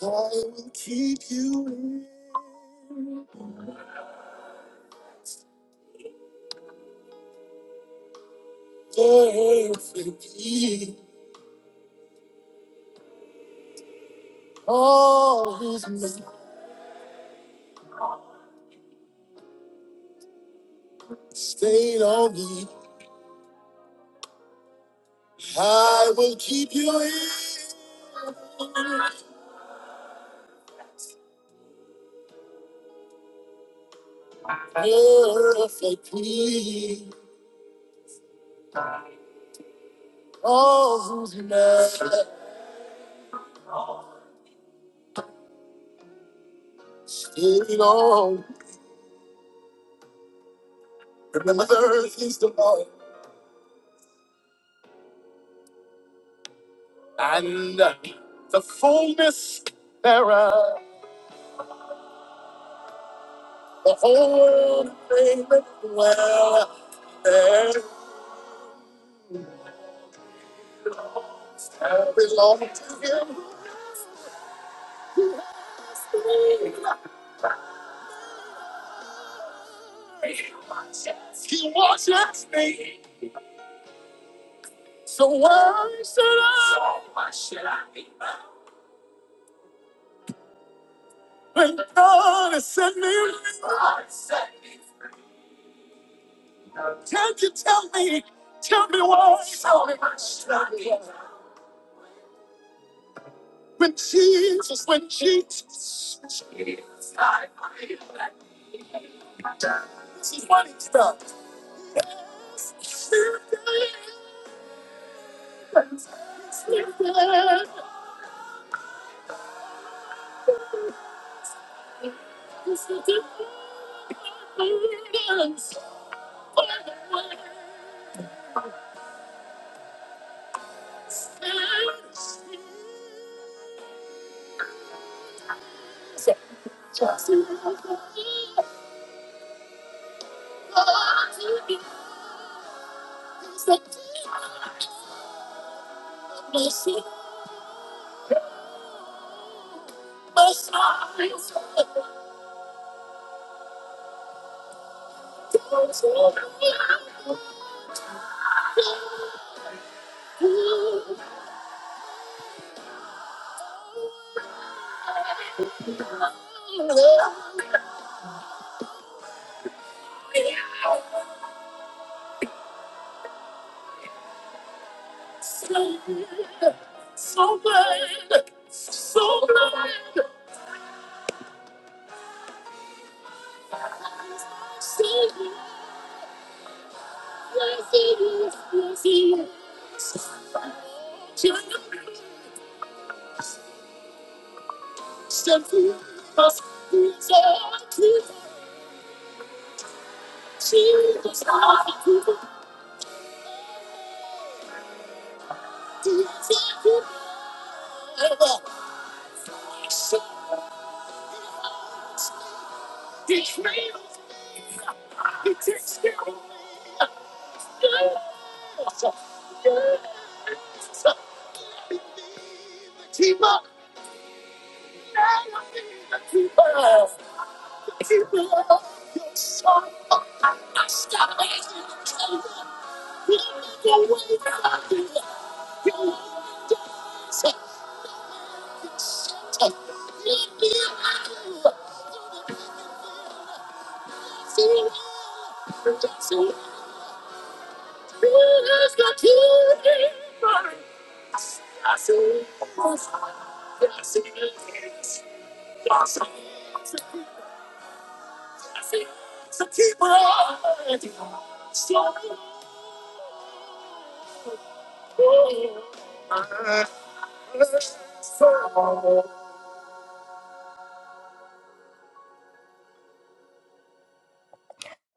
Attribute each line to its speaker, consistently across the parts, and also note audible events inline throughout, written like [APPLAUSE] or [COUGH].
Speaker 1: I will keep you in perfect peace. All whose mind stayed on me, I will keep you in perfect peace. All whose mind stayed on. Remember, the earth is the Lord and the fullness thereof. The whole world may well. I belong to him. He washes me. So why should I? When God has sent me, can you tell me? Tell me why? When Jesus, when Jesus, this is what he's done.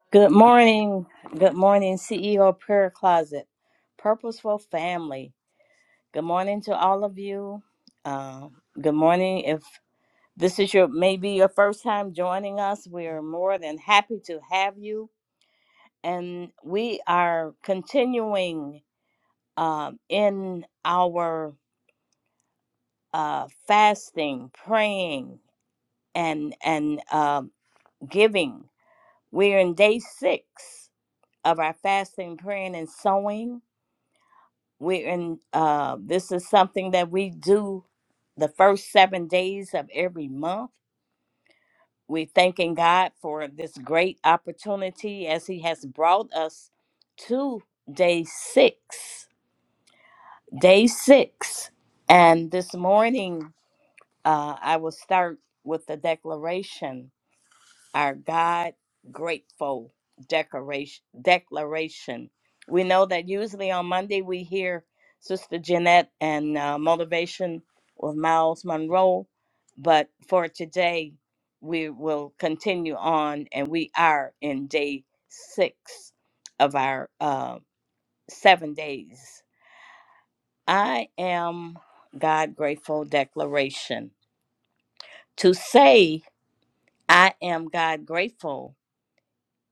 Speaker 2: Good morning. Good morning, CEO Prayer Closet, Purposeful Family. Good morning to all of you. Um, good morning. If this is your maybe your first time joining us, we are more than happy to have you. And we are continuing um, in our uh, fasting, praying, and and um giving. We're in day six of our fasting, praying, and sowing we in uh this is something that we do the first seven days of every month we're thanking god for this great opportunity as he has brought us to day six day six and this morning uh, i will start with the declaration our God grateful decoration declaration. We know that usually on Monday we hear Sister Jeanette and uh, motivation with Miles Monroe, but for today we will continue on, and we are in day six of our uh, seven days. I am God grateful declaration. To say I am God grateful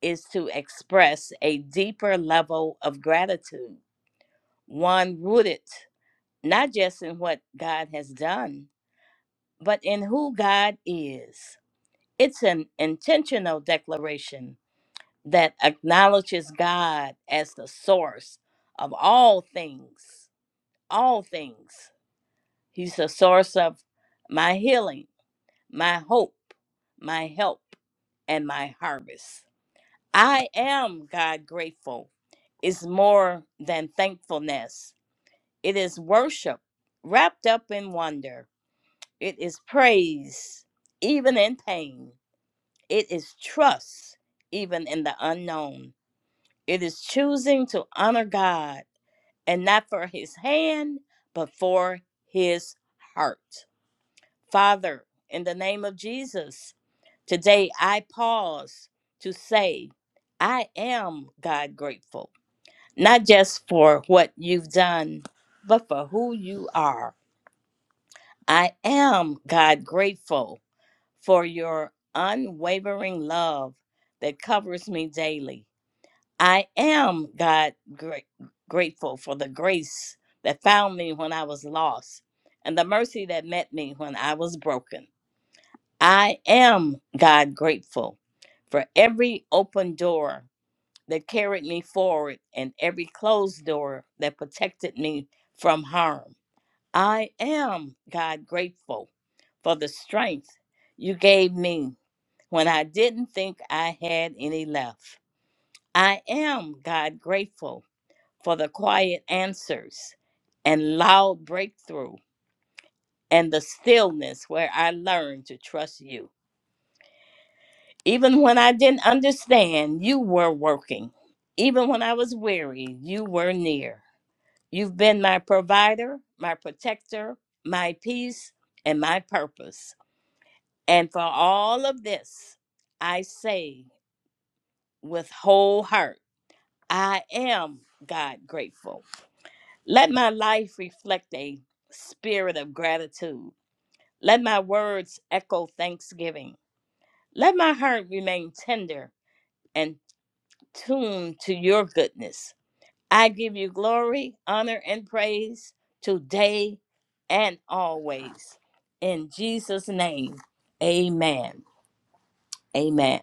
Speaker 2: is to express a deeper level of gratitude, one rooted not just in what God has done, but in who God is. It's an intentional declaration that acknowledges God as the source of all things, all things. He's the source of my healing, my hope, my help, and my harvest. I am God grateful is more than thankfulness. It is worship wrapped up in wonder. It is praise, even in pain. It is trust, even in the unknown. It is choosing to honor God and not for his hand, but for his heart. Father, in the name of Jesus, today I pause to say, I am God grateful. not just for what you've done, but for who you are. I am, God, grateful for your unwavering love that covers me daily. I am, God, gra- grateful for the grace that found me when I was lost and the mercy that met me when I was broken. I am, God, grateful for every open door that carried me forward and every closed door that protected me from harm. I am, God, grateful for the strength you gave me when I didn't think I had any left. I am, God, grateful for the quiet answers and loud breakthrough and the stillness where I learned to trust you. Even when I didn't understand, you were working. Even when I was weary, you were near. You've been my provider, my protector, my peace, and my purpose. And for all of this, I say with whole heart, I am God grateful. Let my life reflect a spirit of gratitude. Let my words echo thanksgiving. Let my heart remain tender and tuned to your goodness. I give you glory, honor, and praise today and always. In Jesus' name, amen. Amen.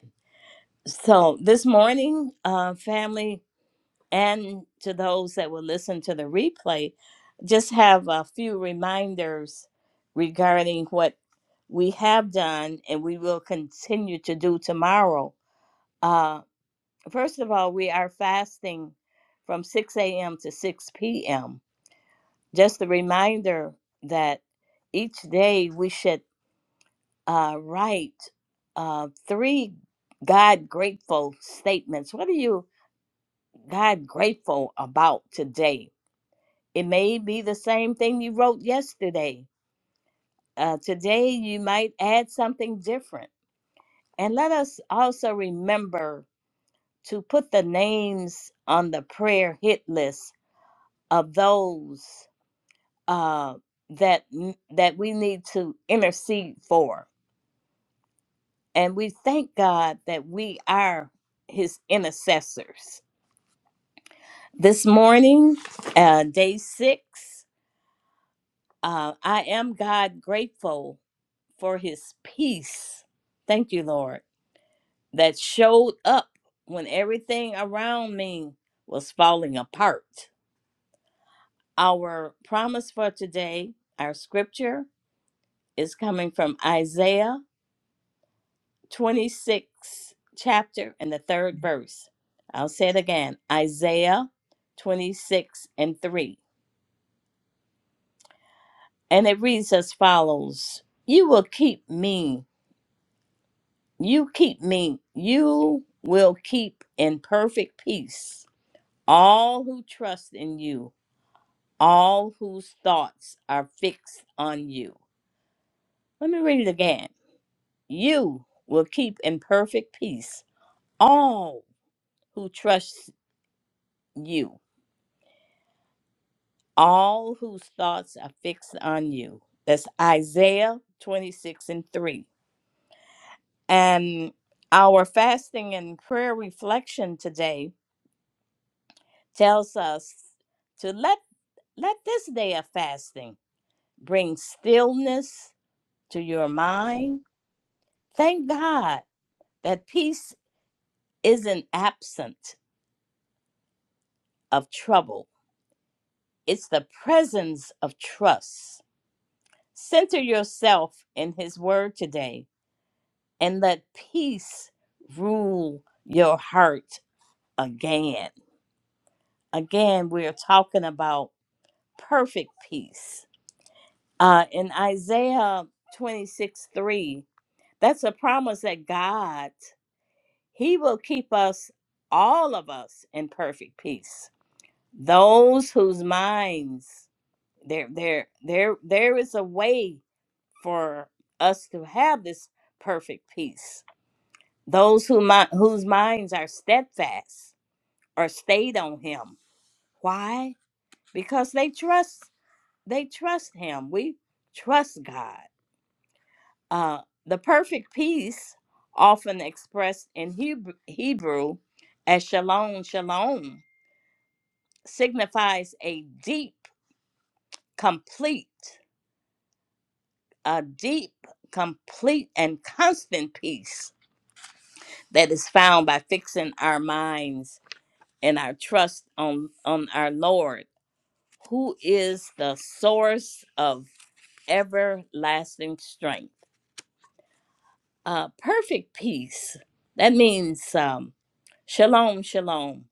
Speaker 2: So, this morning, uh, family, and to those that will listen to the replay, just have a few reminders regarding what we have done and we will continue to do tomorrow. Uh, first of all, we are fasting from 6 a.m. to 6 p.m Just the reminder that each day we should uh, write uh, three God grateful statements. What are you God grateful about today? It may be the same thing you wrote yesterday. Uh, today you might add something different. And let us also remember to put the names on the prayer hit list of those uh, that that we need to intercede for And we thank God that we are his intercessors. This morning, uh, day six, uh, I am God grateful for his peace. Thank you, Lord, that showed up when everything around me was falling apart. Our promise for today, our scripture, is coming from Isaiah 26th chapter and the third verse. I'll say it again Isaiah 26 and 3. And it reads as follows You will keep me, you keep me, you will keep in perfect peace all who trust in you, all whose thoughts are fixed on you. Let me read it again. You will keep in perfect peace all who trust you all whose thoughts are fixed on you. That's Isaiah 26 and 3. And our fasting and prayer reflection today tells us to let let this day of fasting bring stillness to your mind. Thank God that peace isn't absent of trouble. It's the presence of trust. Center yourself in his word today and let peace rule your heart again. Again, we're talking about perfect peace. Uh, in Isaiah 26 3, that's a promise that God, He will keep us, all of us, in perfect peace. Those whose minds, there, there, there, there is a way for us to have this perfect peace. Those who, mi- whose minds are steadfast or stayed on him. Why? Because they trust they trust him. We trust God. Uh, the perfect peace, often expressed in Hebrew, Hebrew as shalom, shalom, signifies a deep, complete, a deep, complete, and constant peace that is found by fixing our minds and our trust on on our Lord, who is the source of everlasting strength. Uh, perfect peace. That means um, shalom, shalom.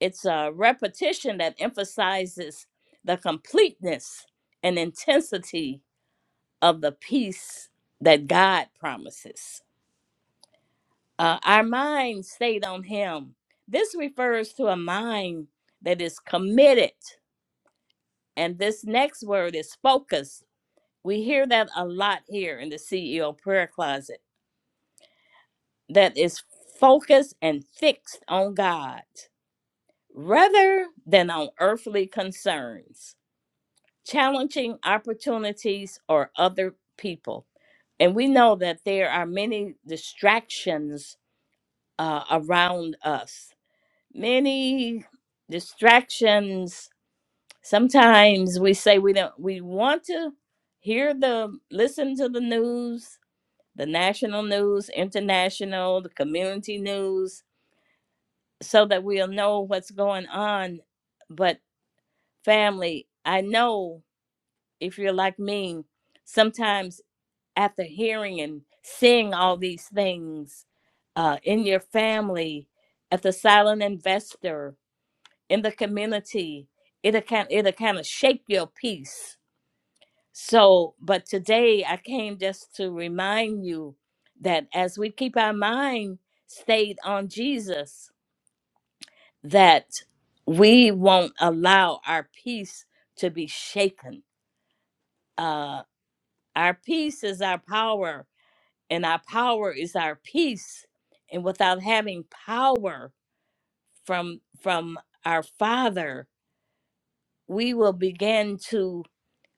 Speaker 2: It's a repetition that emphasizes the completeness and intensity of the peace that God promises. Uh, our mind stayed on Him. This refers to a mind that is committed. And this next word is focus. We hear that a lot here in the CEO prayer closet that is focused and fixed on God rather than on earthly concerns, challenging opportunities or other people. And we know that there are many distractions uh, around us, many distractions. Sometimes we say we don't, we want to hear the, listen to the news, the national news, international, the community news, so that we'll know what's going on. But family, I know if you're like me, sometimes after hearing and seeing all these things uh, in your family, at the silent investor, in the community, it'll kind it'll kind of shake your peace. So, but today I came just to remind you that as we keep our mind stayed on Jesus, that we won't allow our peace to be shaken. Uh, our peace is our power, and our power is our peace. And without having power from from our Father, we will begin to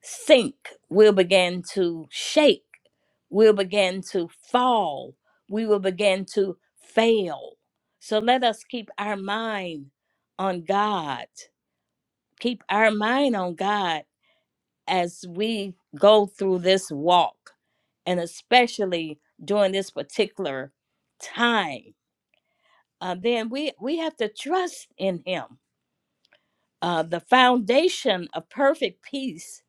Speaker 2: sink. We'll begin to shake. We'll begin to fall. We will begin to fail. So let us keep our mind on God keep our mind on God as we go through this walk, and especially during this particular time. Uh, then we we have to trust in Him. Uh, the foundation of perfect peace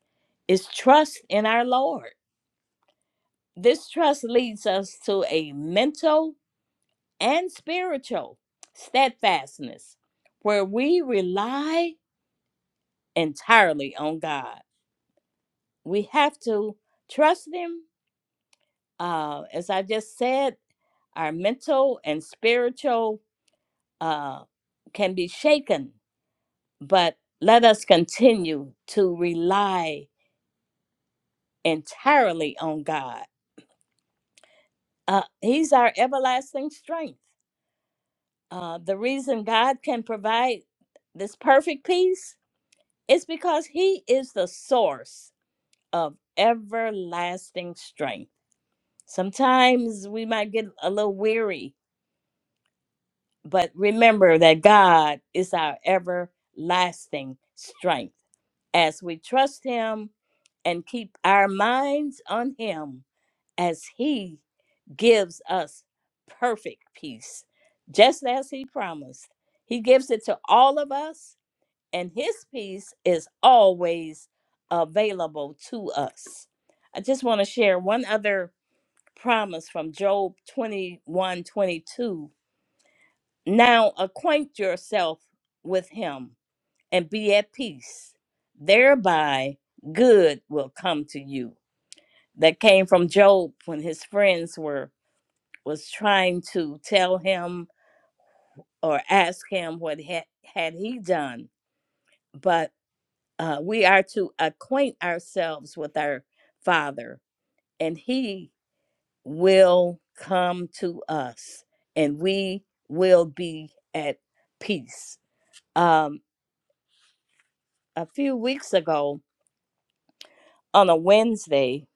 Speaker 2: is trust in our Lord. This trust leads us to a mental and spiritual steadfastness, where we rely entirely on God. We have to trust Him uh, as I just said, our mental and spiritual uh, can be shaken, but let us continue to rely entirely on God. Uh, he's our everlasting strength. Uh, the reason God can provide this perfect peace is because He is the source of everlasting strength. Sometimes we might get a little weary But remember that God is our everlasting strength. As we trust Him and keep our minds on Him, as He gives us perfect peace, just as He promised, He gives it to all of us, and His peace is always available to us. I just want to share one other promise from Job 21 22. Now acquaint yourself with him and be at peace. Thereby good will come to you. That came from Job when his friends were was trying to tell him or ask him what had, had he done. But uh, we are to acquaint ourselves with our Father, and He will come to us, and we will be at peace. Um, a few weeks ago on a Wednesday.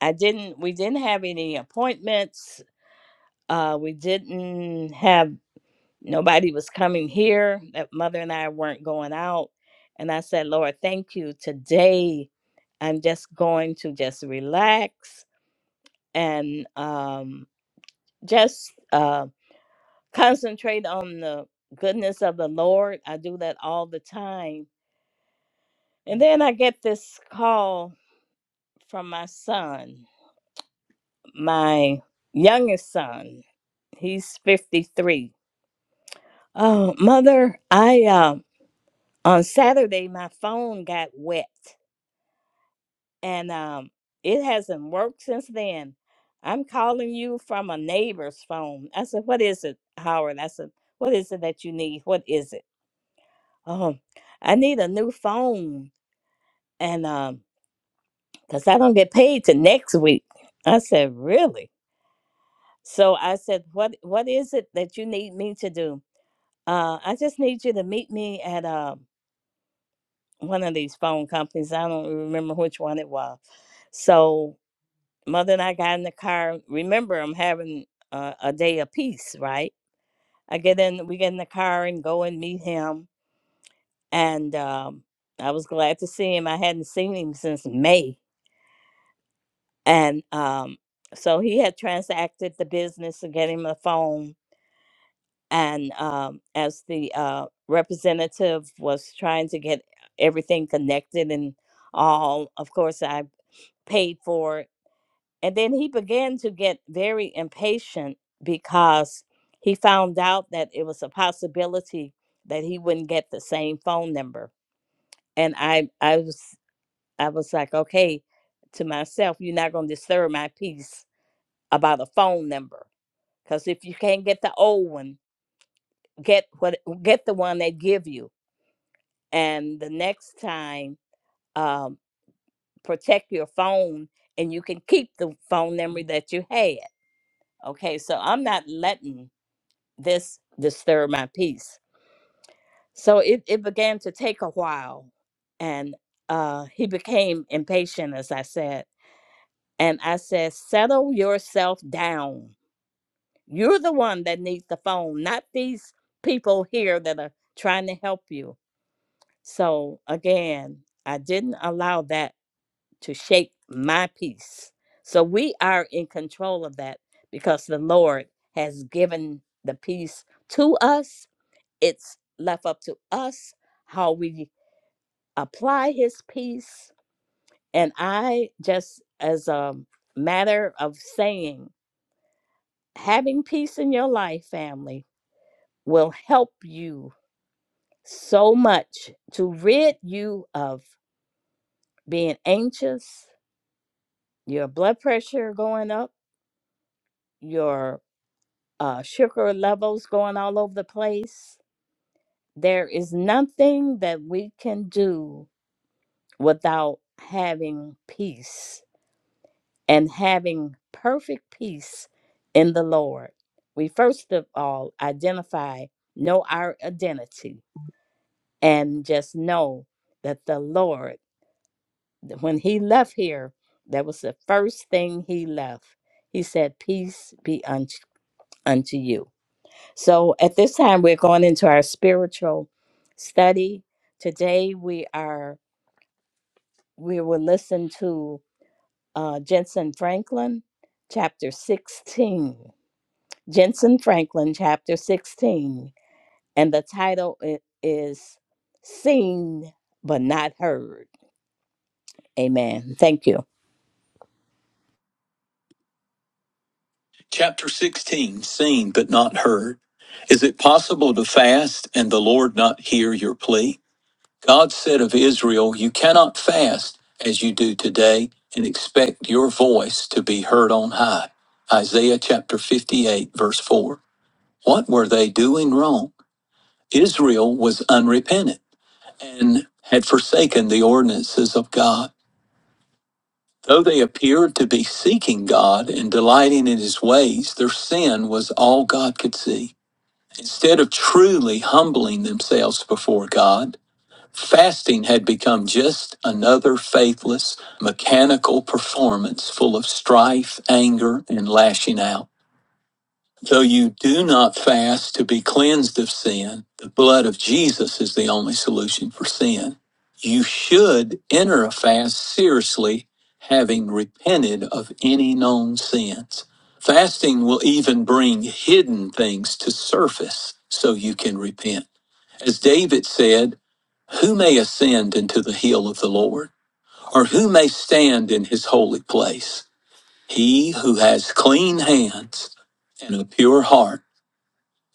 Speaker 2: I didn't we didn't have any appointments. Uh we didn't have nobody was coming here. That mother and I weren't going out. And I said, Lord, thank you. Today I'm just going to just relax and um just uh concentrate on the goodness of the Lord. I do that all the time. And then I get this call from my son my youngest son. He's 53. Oh, mother, I um on Saturday my phone got wet and um it hasn't worked since then. I'm calling you from a neighbor's phone. I said, "What is it, Howard?" I said, "What is it that you need? What is it?" Oh, I need a new phone and um cuz I don't get paid till next week. I said, "Really?" So I said, "What what is it that you need me to do?" Uh, I just need you to meet me at uh, one of these phone companies. I don't remember which one it was. So, mother and I got in the car. Remember, I'm having uh, a day of peace, right? I get in, we get in the car and go and meet him. And um, I was glad to see him. I hadn't seen him since May. And um, so he had transacted the business of getting him a phone and um, as the uh, representative was trying to get everything connected and all, of course, I paid for it. And then he began to get very impatient because he found out that it was a possibility that he wouldn't get the same phone number. And I, I was, I was like, okay, to myself, you're not going to disturb my peace about a phone number because if you can't get the old one, get what get the one they give you and the next time um, protect your phone and you can keep the phone memory that you had okay so i'm not letting this disturb my peace so it, it began to take a while and uh, he became impatient as i said and i said settle yourself down you're the one that needs the phone not these people here that are trying to help you So again, I didn't allow that to shape my peace. So we are in control of that because the Lord has given the peace to us. It's left up to us how we apply his peace. And I just as a matter of saying, having peace in your life, family, will help you so much to rid you of being anxious, your blood pressure going up, your uh, sugar levels going all over the place. There is nothing that we can do without having peace and having perfect peace in the Lord. We first of all identify, know our identity, and just know that the Lord, that when He left here, that was the first thing He left. He said, Peace be unto, unto you. So at this time, we're going into our spiritual study. Today, we are we will listen to uh, Jensen Franklin, chapter sixteen. Jensen Franklin, chapter sixteen, and the title i- is "Seen but Not Heard." Amen. Thank you,
Speaker 1: Chapter 16 Seen but not heard. Is it possible to fast and the Lord not hear your plea? God said of Israel, You cannot fast as you do today and expect your voice to be heard on high. Isaiah chapter 58, verse 4. What were they doing wrong? Israel was unrepentant and had forsaken the ordinances of God. Though they appeared to be seeking God and delighting in his ways, their sin was all God could see. Instead of truly humbling themselves before God, Fasting had become just another faithless, mechanical performance full of strife, anger, and lashing out. Though you do not fast to be cleansed of sin, the blood of Jesus is the only solution for sin. You should enter a fast seriously, having repented of any known sins. Fasting will even bring hidden things to surface so you can repent. As David said, Who may ascend into the hill of the Lord? Or who may stand in his holy place? He who has clean hands and a pure heart,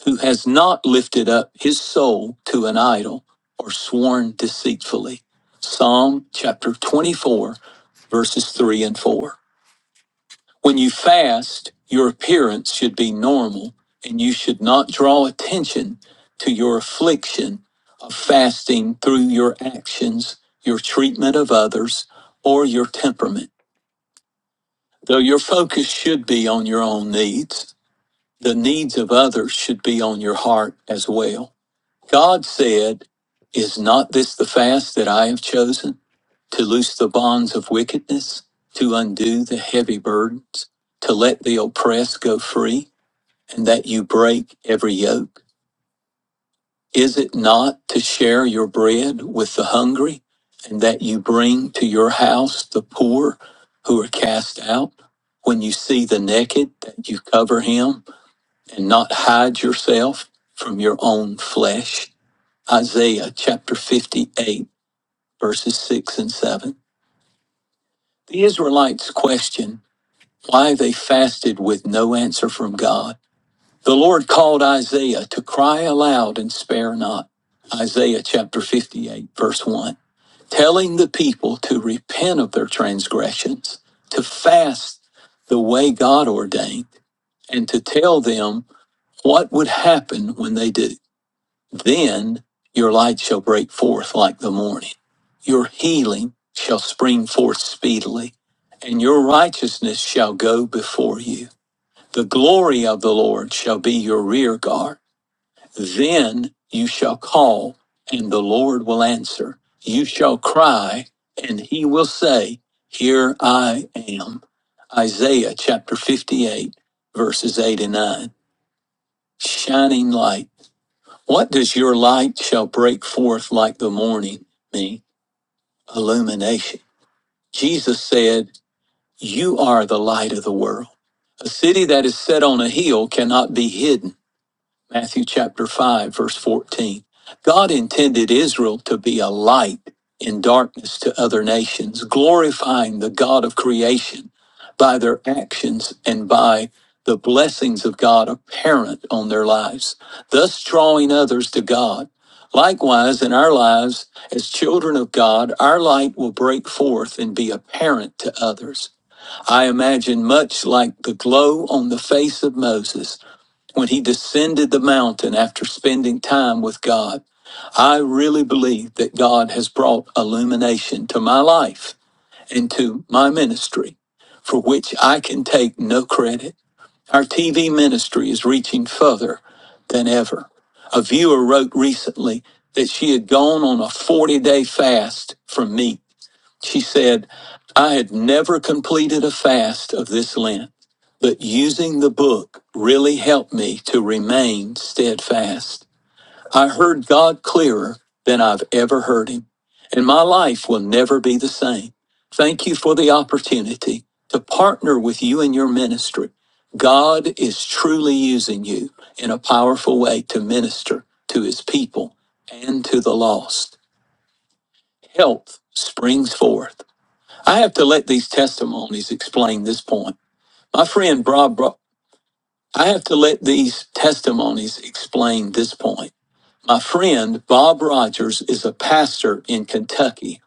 Speaker 1: who has not lifted up his soul to an idol or sworn deceitfully. Psalm chapter 24, verses 3 and 4. When you fast, your appearance should be normal, and you should not draw attention to your affliction of fasting through your actions, your treatment of others, or your temperament. Though your focus should be on your own needs, the needs of others should be on your heart as well. God said, Is not this the fast that I have chosen? To loose the bonds of wickedness, to undo the heavy burdens, to let the oppressed go free, and that you break every yoke? Is it not to share your bread with the hungry, and that you bring to your house the poor who are cast out? When you see the naked, that you cover him, and not hide yourself from your own flesh? Isaiah chapter 58, verses 6 and 7. The Israelites question why they fasted with no answer from God. The Lord called Isaiah to cry aloud and spare not. Isaiah chapter 58, verse 1. Telling the people to repent of their transgressions, to fast the way God ordained, and to tell them what would happen when they do. Then your light shall break forth like the morning. Your healing shall spring forth speedily, and your righteousness shall go before you. The glory of the Lord shall be your rear guard. Then you shall call, and the Lord will answer. You shall cry, and he will say, Here I am. Isaiah chapter 58, verses 8 and 9. Shining light. What does your light shall break forth like the morning mean? Illumination. Jesus said, You are the light of the world. A city that is set on a hill cannot be hidden. Matthew chapter 5, verse 14. God intended Israel to be a light in darkness to other nations, glorifying the God of creation by their actions and by the blessings of God apparent on their lives, thus drawing others to God. Likewise, in our lives, as children of God, our light will break forth and be apparent to others. I imagine much like the glow on the face of Moses when he descended the mountain after spending time with God. I really believe that God has brought illumination to my life and to my ministry, for which I can take no credit. Our TV ministry is reaching further than ever. A viewer wrote recently that she had gone on a 40 day fast from meat she said, I had never completed a fast of this Lent, but using the book really helped me to remain steadfast. I heard God clearer than I've ever heard him, and my life will never be the same. Thank you for the opportunity to partner with you in your ministry. God is truly using you in a powerful way to minister to his people and to the lost. Health springs forth I have to let these testimonies explain this point. My friend Bob, Bro- I have to let these testimonies explain this point. My friend Bob Rogers is a pastor in Kentucky.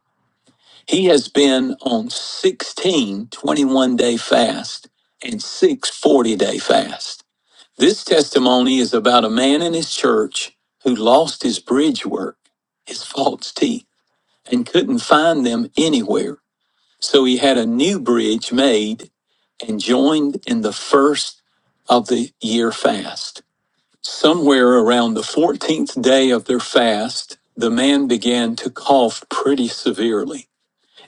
Speaker 1: He has been on 16 21 day fast and six forty day fast. This testimony is about a man in his church who lost his bridge work, his false teeth, and couldn't find them anywhere. So he had a new bridge made and joined in the first of the year fast. Somewhere around the 14th day of their fast, the man began to cough pretty severely.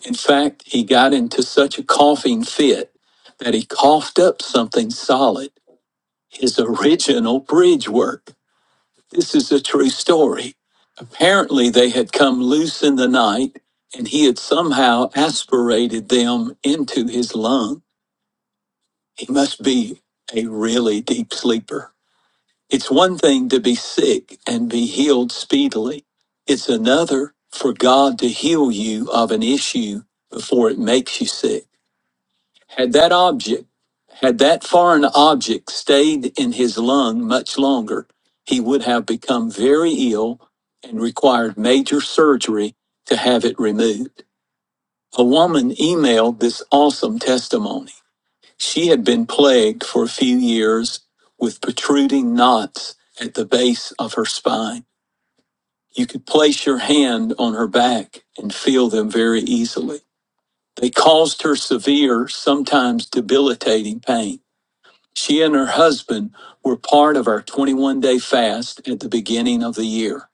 Speaker 1: In fact, he got into such a coughing fit that he coughed up something solid, his original bridge work. This is a true story. Apparently, they had come loose in the night and he had somehow aspirated them into his lungs. He must be a really deep sleeper. It's one thing to be sick and be healed speedily, it's another for God to heal you of an issue before it makes you sick. Had that object, had that foreign object stayed in his lung much longer, he would have become very ill and required major surgery to have it removed. A woman emailed this awesome testimony. She had been plagued for a few years with protruding knots at the base of her spine. You could place your hand on her back and feel them very easily. They caused her severe, sometimes debilitating pain. She and her husband were part of our 21 day fast at the beginning of the year.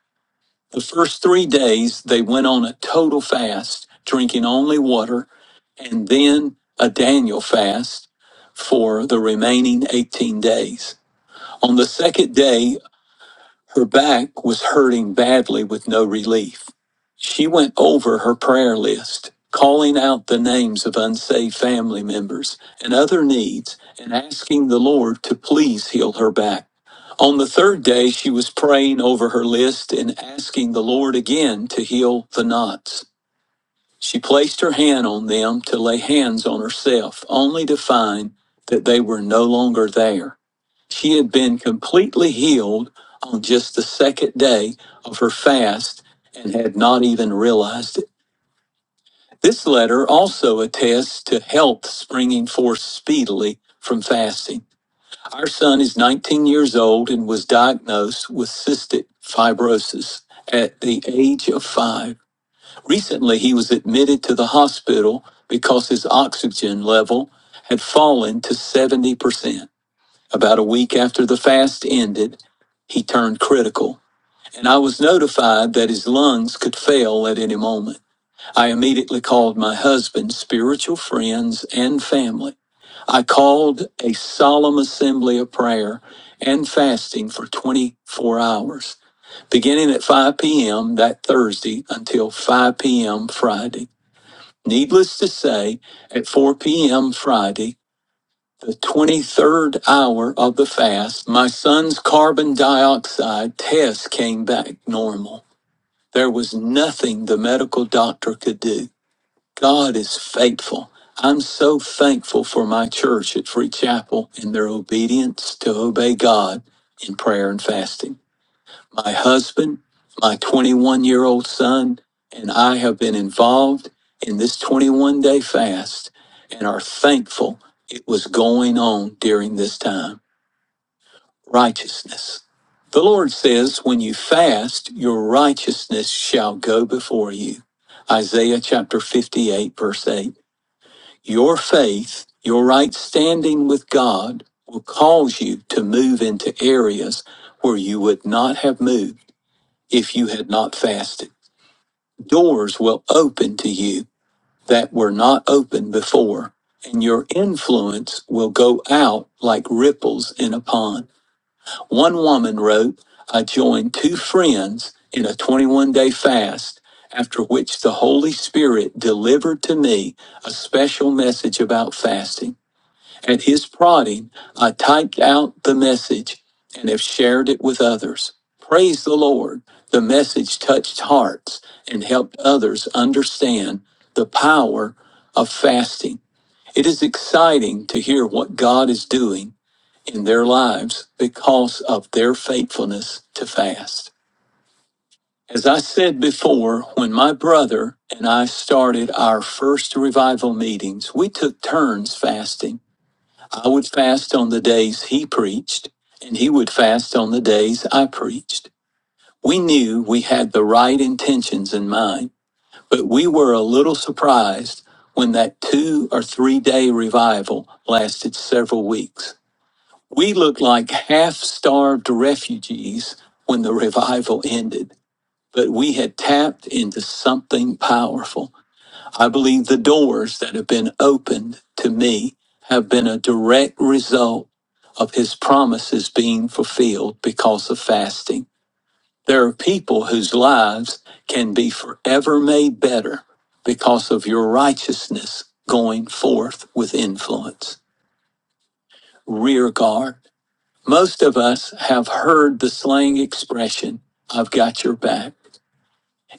Speaker 1: The first three days, they went on a total fast, drinking only water and then a Daniel fast for the remaining 18 days. On the second day, her back was hurting badly with no relief. She went over her prayer list, calling out the names of unsaved family members and other needs and asking the Lord to please heal her back. On the third day, she was praying over her list and asking the Lord again to heal the knots. She placed her hand on them to lay hands on herself, only to find that they were no longer there. She had been completely healed on just the second day of her fast and had not even realized it. This letter also attests to health springing forth speedily from fasting. Our son is 19 years old and was diagnosed with cystic fibrosis at the age of five. Recently, he was admitted to the hospital because his oxygen level had fallen to 70%. About a week after the fast ended, he turned critical, and I was notified that his lungs could fail at any moment. I immediately called my husband, spiritual friends, and family. I called a solemn assembly of prayer and fasting for 24 hours, beginning at 5 p.m. that Thursday until 5 p.m. Friday. Needless to say, at 4 p.m. Friday, the 23rd hour of the fast, my son's carbon dioxide test came back normal. There was nothing the medical doctor could do. God is faithful. I'm so thankful for my church at Free Chapel and their obedience to obey God in prayer and fasting. My husband, my 21 year old son, and I have been involved in this 21 day fast and are thankful it was going on during this time. Righteousness. The Lord says, When you fast, your righteousness shall go before you. Isaiah chapter 58, verse 8. Your faith, your right standing with God, will cause you to move into areas where you would not have moved if you had not fasted. Doors will open to you that were not open before, and your influence will go out like ripples in a pond. One woman wrote, I joined two friends in a 21 day fast, after which the Holy Spirit delivered to me a special message about fasting. At his prodding, I typed out the message and have shared it with others. Praise the Lord. The message touched hearts and helped others understand the power of fasting. It is exciting to hear what God is doing in their lives because of their faithfulness to fast. As I said before, when my brother and I started our first revival meetings, we took turns fasting. I would fast on the days he preached, and he would fast on the days I preached. We knew we had the right intentions in mind, but we were a little surprised when that two or three day revival lasted several weeks. We looked like half starved refugees when the revival ended, but we had tapped into something powerful. I believe the doors that have been opened to me have been a direct result of his promises being fulfilled because of fasting. There are people whose lives can be forever made better because of your righteousness going forth with influence. Rear guard. Most of us have heard the slang expression, I've got your back.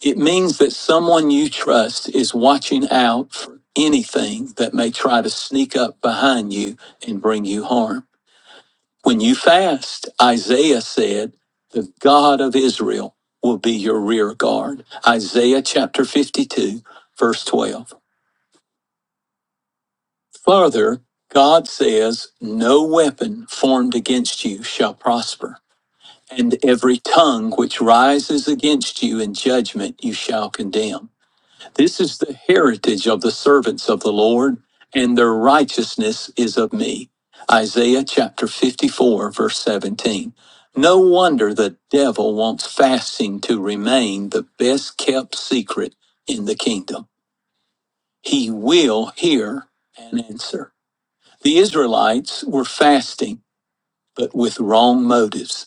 Speaker 1: It means that someone you trust is watching out for anything that may try to sneak up behind you and bring you harm. When you fast, Isaiah said, the God of Israel will be your rear guard. Isaiah chapter 52, verse 12. Further, God says, no weapon formed against you shall prosper, and every tongue which rises against you in judgment you shall condemn. This is the heritage of the servants of the Lord, and their righteousness is of me. Isaiah chapter 54, verse 17. No wonder the devil wants fasting to remain the best kept secret in the kingdom. He will hear and answer. The Israelites were fasting but with wrong motives.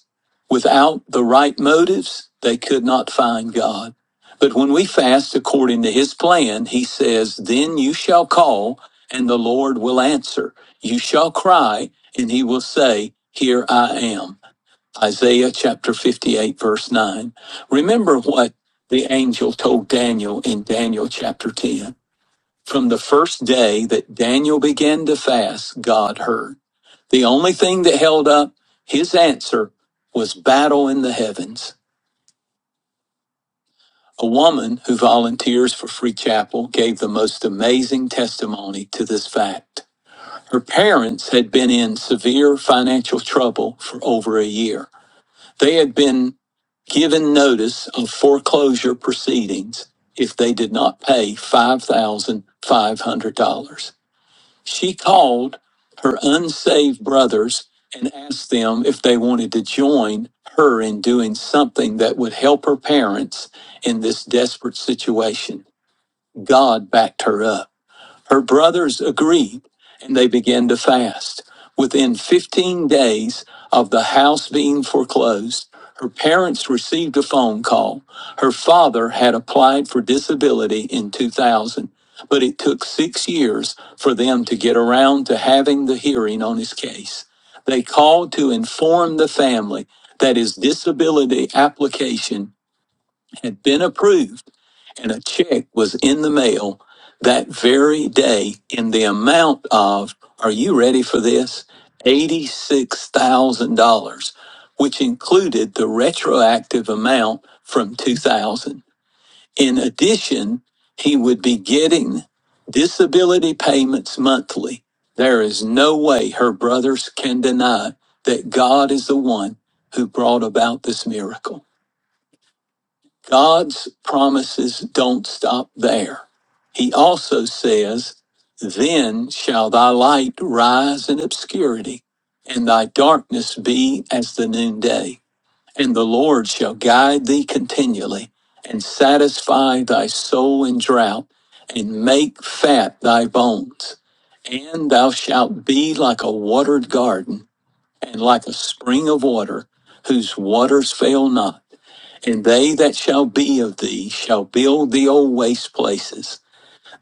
Speaker 1: Without the right motives, they could not find God. But when we fast according to his plan, he says, Then you shall call, and the Lord will answer. You shall cry, and he will say, Here I am. Isaiah chapter 58, verse 9. Remember what the angel told Daniel in Daniel chapter 10. From the first day that Daniel began to fast, God heard. The only thing that held up his answer was battle in the heavens. A woman who volunteers for Free Chapel gave the most amazing testimony to this fact. Her parents had been in severe financial trouble for over a year. They had been given notice of foreclosure proceedings if they did not pay $5,500. She called her unsaved brothers and asked them if they wanted to join her in doing something that would help her parents in this desperate situation. God backed her up. Her brothers agreed, and they began to fast. Within 15 days of the house being foreclosed, her parents received a phone call. Her father had applied for disability in 2000, but it took six years for them to get around to having the hearing on his case. They called to inform the family that his disability application had been approved and a check was in the mail that very day in the amount of, are you ready for this? $86,000, which included the retroactive amount from 2000. In addition, he would be getting disability payments monthly. There is no way her brothers can deny that God is the one who brought about this miracle. God's promises don't stop there. He also says, Then shall thy light rise in obscurity, and thy darkness be as the noonday. And the Lord shall guide thee continually, and satisfy thy soul in drought, and make fat thy bones. And thou shalt be like a watered garden, and like a spring of water, whose waters fail not and they that shall be of thee shall build the old waste places.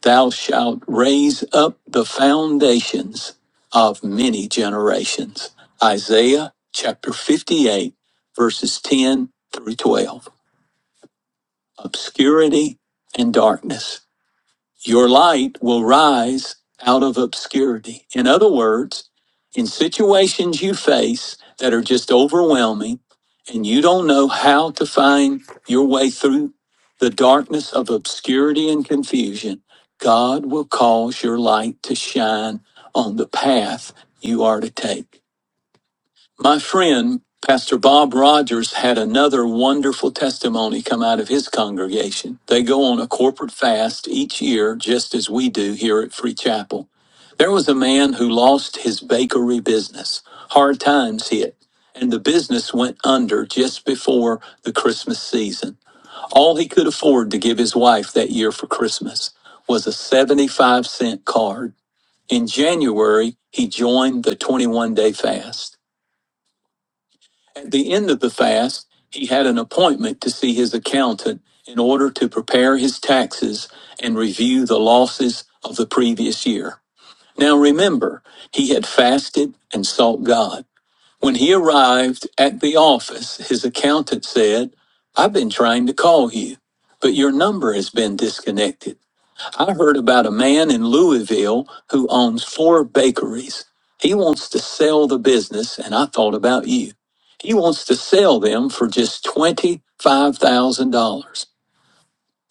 Speaker 1: Thou shalt raise up the foundations of many generations. Isaiah chapter 58, verses 10 through 12. Obscurity and darkness. Your light will rise out of obscurity. In other words, in situations you face that are just overwhelming and you don't know how to find your way through the darkness of obscurity and confusion, God will cause your light to shine on the path you are to take. My friend, Pastor Bob Rogers, had another wonderful testimony come out of his congregation. They go on a corporate fast each year, just as we do here at Free Chapel. There was a man who lost his bakery business. Hard times hit, and the business went under just before the Christmas season. All he could afford to give his wife that year for Christmas was a 75 cent card. In January, he joined the 21 day fast. At the end of the fast, he had an appointment to see his accountant in order to prepare his taxes and review the losses of the previous year. Now remember, he had fasted and sought God. When he arrived at the office, his accountant said, I've been trying to call you, but your number has been disconnected. I heard about a man in Louisville who owns four bakeries. He wants to sell the business, and I thought about you. He wants to sell them for just $25,000.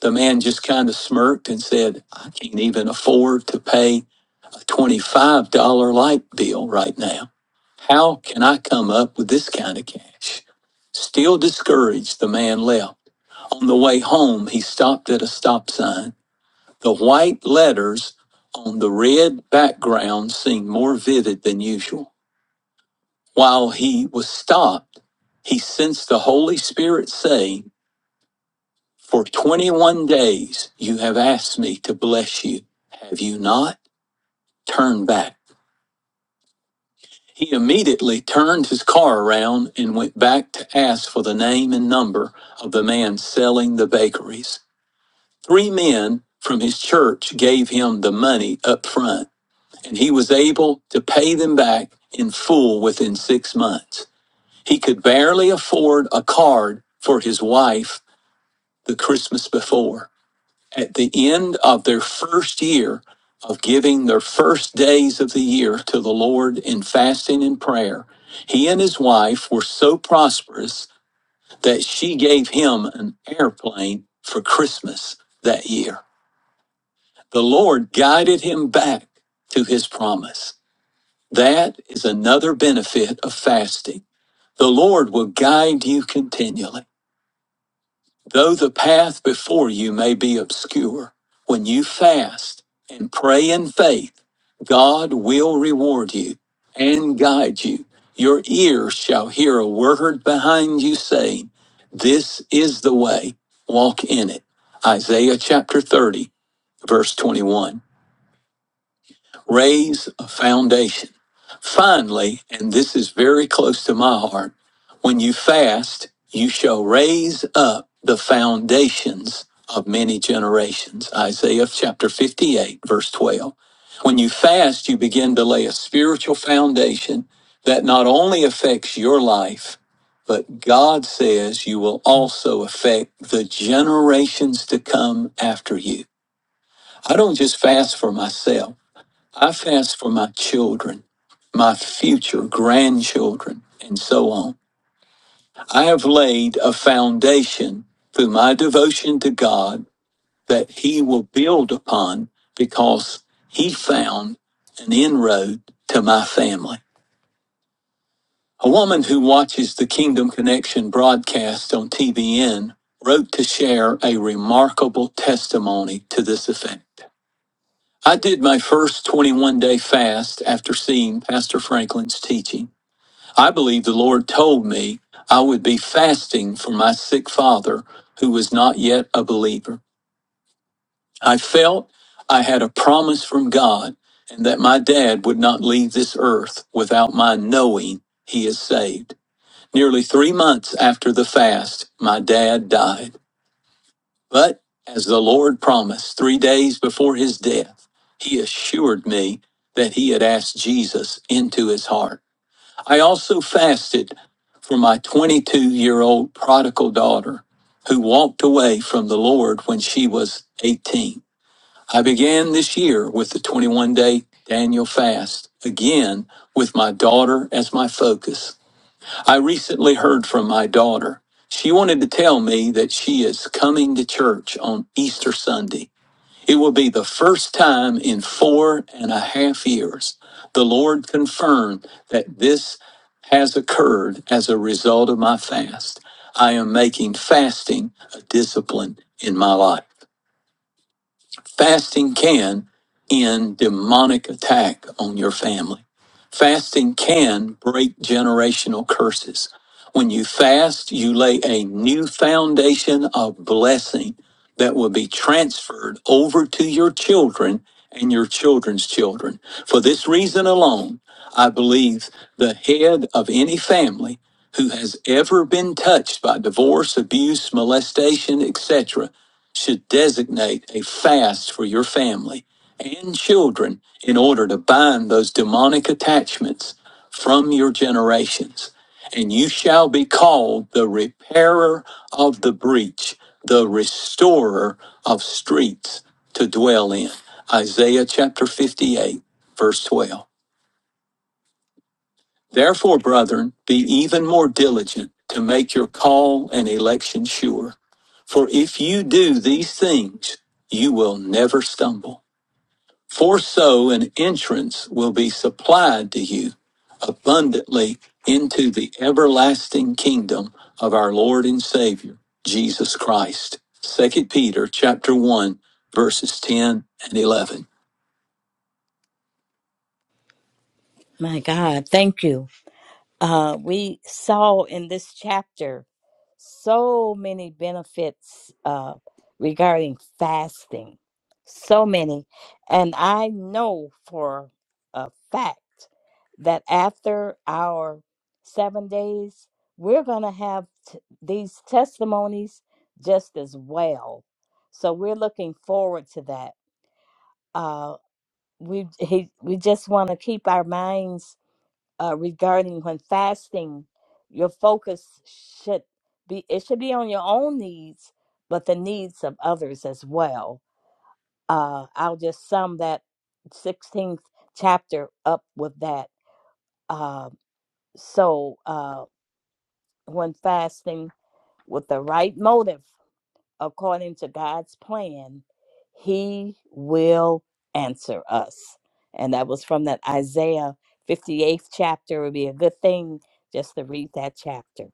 Speaker 1: The man just kind of smirked and said, I can't even afford to pay a $25 light bill right now. How can I come up with this kind of cash? Still discouraged, the man left. On the way home, he stopped at a stop sign. The white letters on the red background seemed more vivid than usual. While he was stopped, he sensed the Holy Spirit saying, For 21 days you have asked me to bless you. Have you not? Turn back. He immediately turned his car around and went back to ask for the name and number of the man selling the bakeries. Three men from his church gave him the money up front. and he was able to pay them back in full within six months. He could barely afford a card for his wife the Christmas before. At the end of their first year of giving their first days of the year to the Lord in fasting and prayer, he and his wife were so prosperous that she gave him an airplane for Christmas that year. The Lord guided him back to his promise. That is another benefit of fasting. The Lord will guide you continually. Though the path before you may be obscure, when you fast and pray in faith, God will reward you and guide you. Your ears shall hear a word behind you saying, This is the way, walk in it. Isaiah chapter 30, verse 21. Raise a foundation. Finally, and this is very close to my heart, when you fast, you shall raise up the foundations of many generations. Isaiah chapter 58, verse 12. When you fast, you begin to lay a spiritual foundation that not only affects your life, but God says you will also affect the generations to come after you. I don't just fast for myself. I fast for my children, my future grandchildren, and so on. I have laid a foundation through my devotion to God that He will build upon because He found an inroad to my family. A woman who watches the Kingdom Connection broadcast on TBN wrote to share a remarkable testimony to this effect. I did my first 21 day fast after seeing Pastor Franklin's teaching. I believe the Lord told me I would be fasting for my sick father, who was not yet a believer. I felt I had a promise from God and that my dad would not leave this earth without my knowing he is saved. Nearly three months after the fast, my dad died. But as the Lord promised three days before his death, he assured me that he had asked Jesus into his heart. I also fasted for my 22 year old prodigal daughter who walked away from the Lord when she was 18. I began this year with the 21 day Daniel fast, again with my daughter as my focus. I recently heard from my daughter. She wanted to tell me that she is coming to church on Easter Sunday. It will be the first time in four and a half years the Lord confirmed that this has occurred as a result of my fast. I am making fasting a discipline in my life. Fasting can end demonic attack on your family. Fasting can break generational curses. When you fast, you lay a new foundation of blessing that will be transferred over to your children and your children's children. For this reason alone, I believe the head of any family who has ever been touched by divorce, abuse, molestation, etc should designate a fast for your family and children in order to bind those demonic attachments from your generations. And you shall be called the repairer of the breach, the restorer of streets to dwell in. Isaiah chapter 58, verse 12. Therefore, brethren, be even more diligent to make your call and election sure. For if you do these things, you will never stumble. For so an entrance will be supplied to you abundantly into the everlasting kingdom of our Lord and Savior, Jesus Christ. Second Peter chapter 1 verses 10 and 11.
Speaker 2: my God. Thank you. uh, we saw in this chapter so many benefits uh, regarding fasting, so many. And I know for a fact that after our seven days, we're going to have t- these testimonies just as well. So we're looking forward to that. Uh, we he, we just want to keep our minds uh, regarding when fasting, your focus should be it should be on your own needs, but the needs of others as well. Uh, I'll just sum that 16th chapter up with that. Uh, so uh, when fasting with the right motive. according to God's plan, He will answer us. And that was from that Isaiah 58th chapter. It would be a good thing just to read that chapter.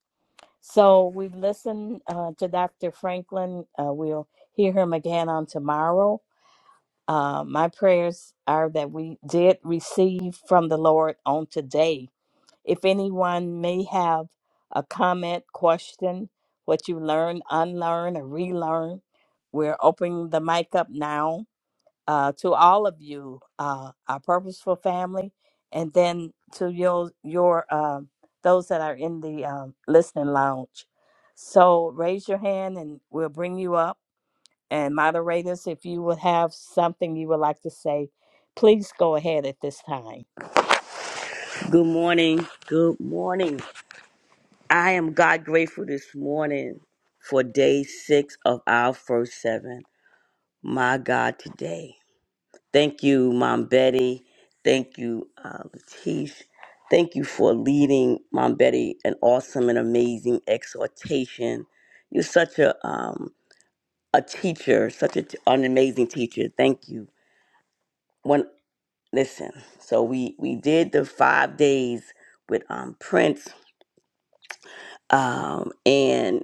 Speaker 2: So we listen uh, to Dr. Franklin. Uh, we'll hear him again on tomorrow. Uh, my prayers are that we did receive from the Lord on today if anyone may have a comment, question, what you learned, unlearn, or relearn, we're opening the mic up now uh, to all of you, uh, our purposeful family, and then to your your um those that are in the um, listening lounge. So raise your hand, and we'll bring you up. And moderators, if you would have something you would like to say, please go ahead at this time.
Speaker 3: Good morning. Good morning. I am God grateful this morning for day six of our first seven. My God, today. Thank you, Mom Betty. Thank you, uh, Latish. Thank you for leading Mom Betty an awesome and amazing exhortation. You're such a um, a teacher, such a, an amazing teacher. Thank you. When listen, so we we did the five days with um, Prince Um, and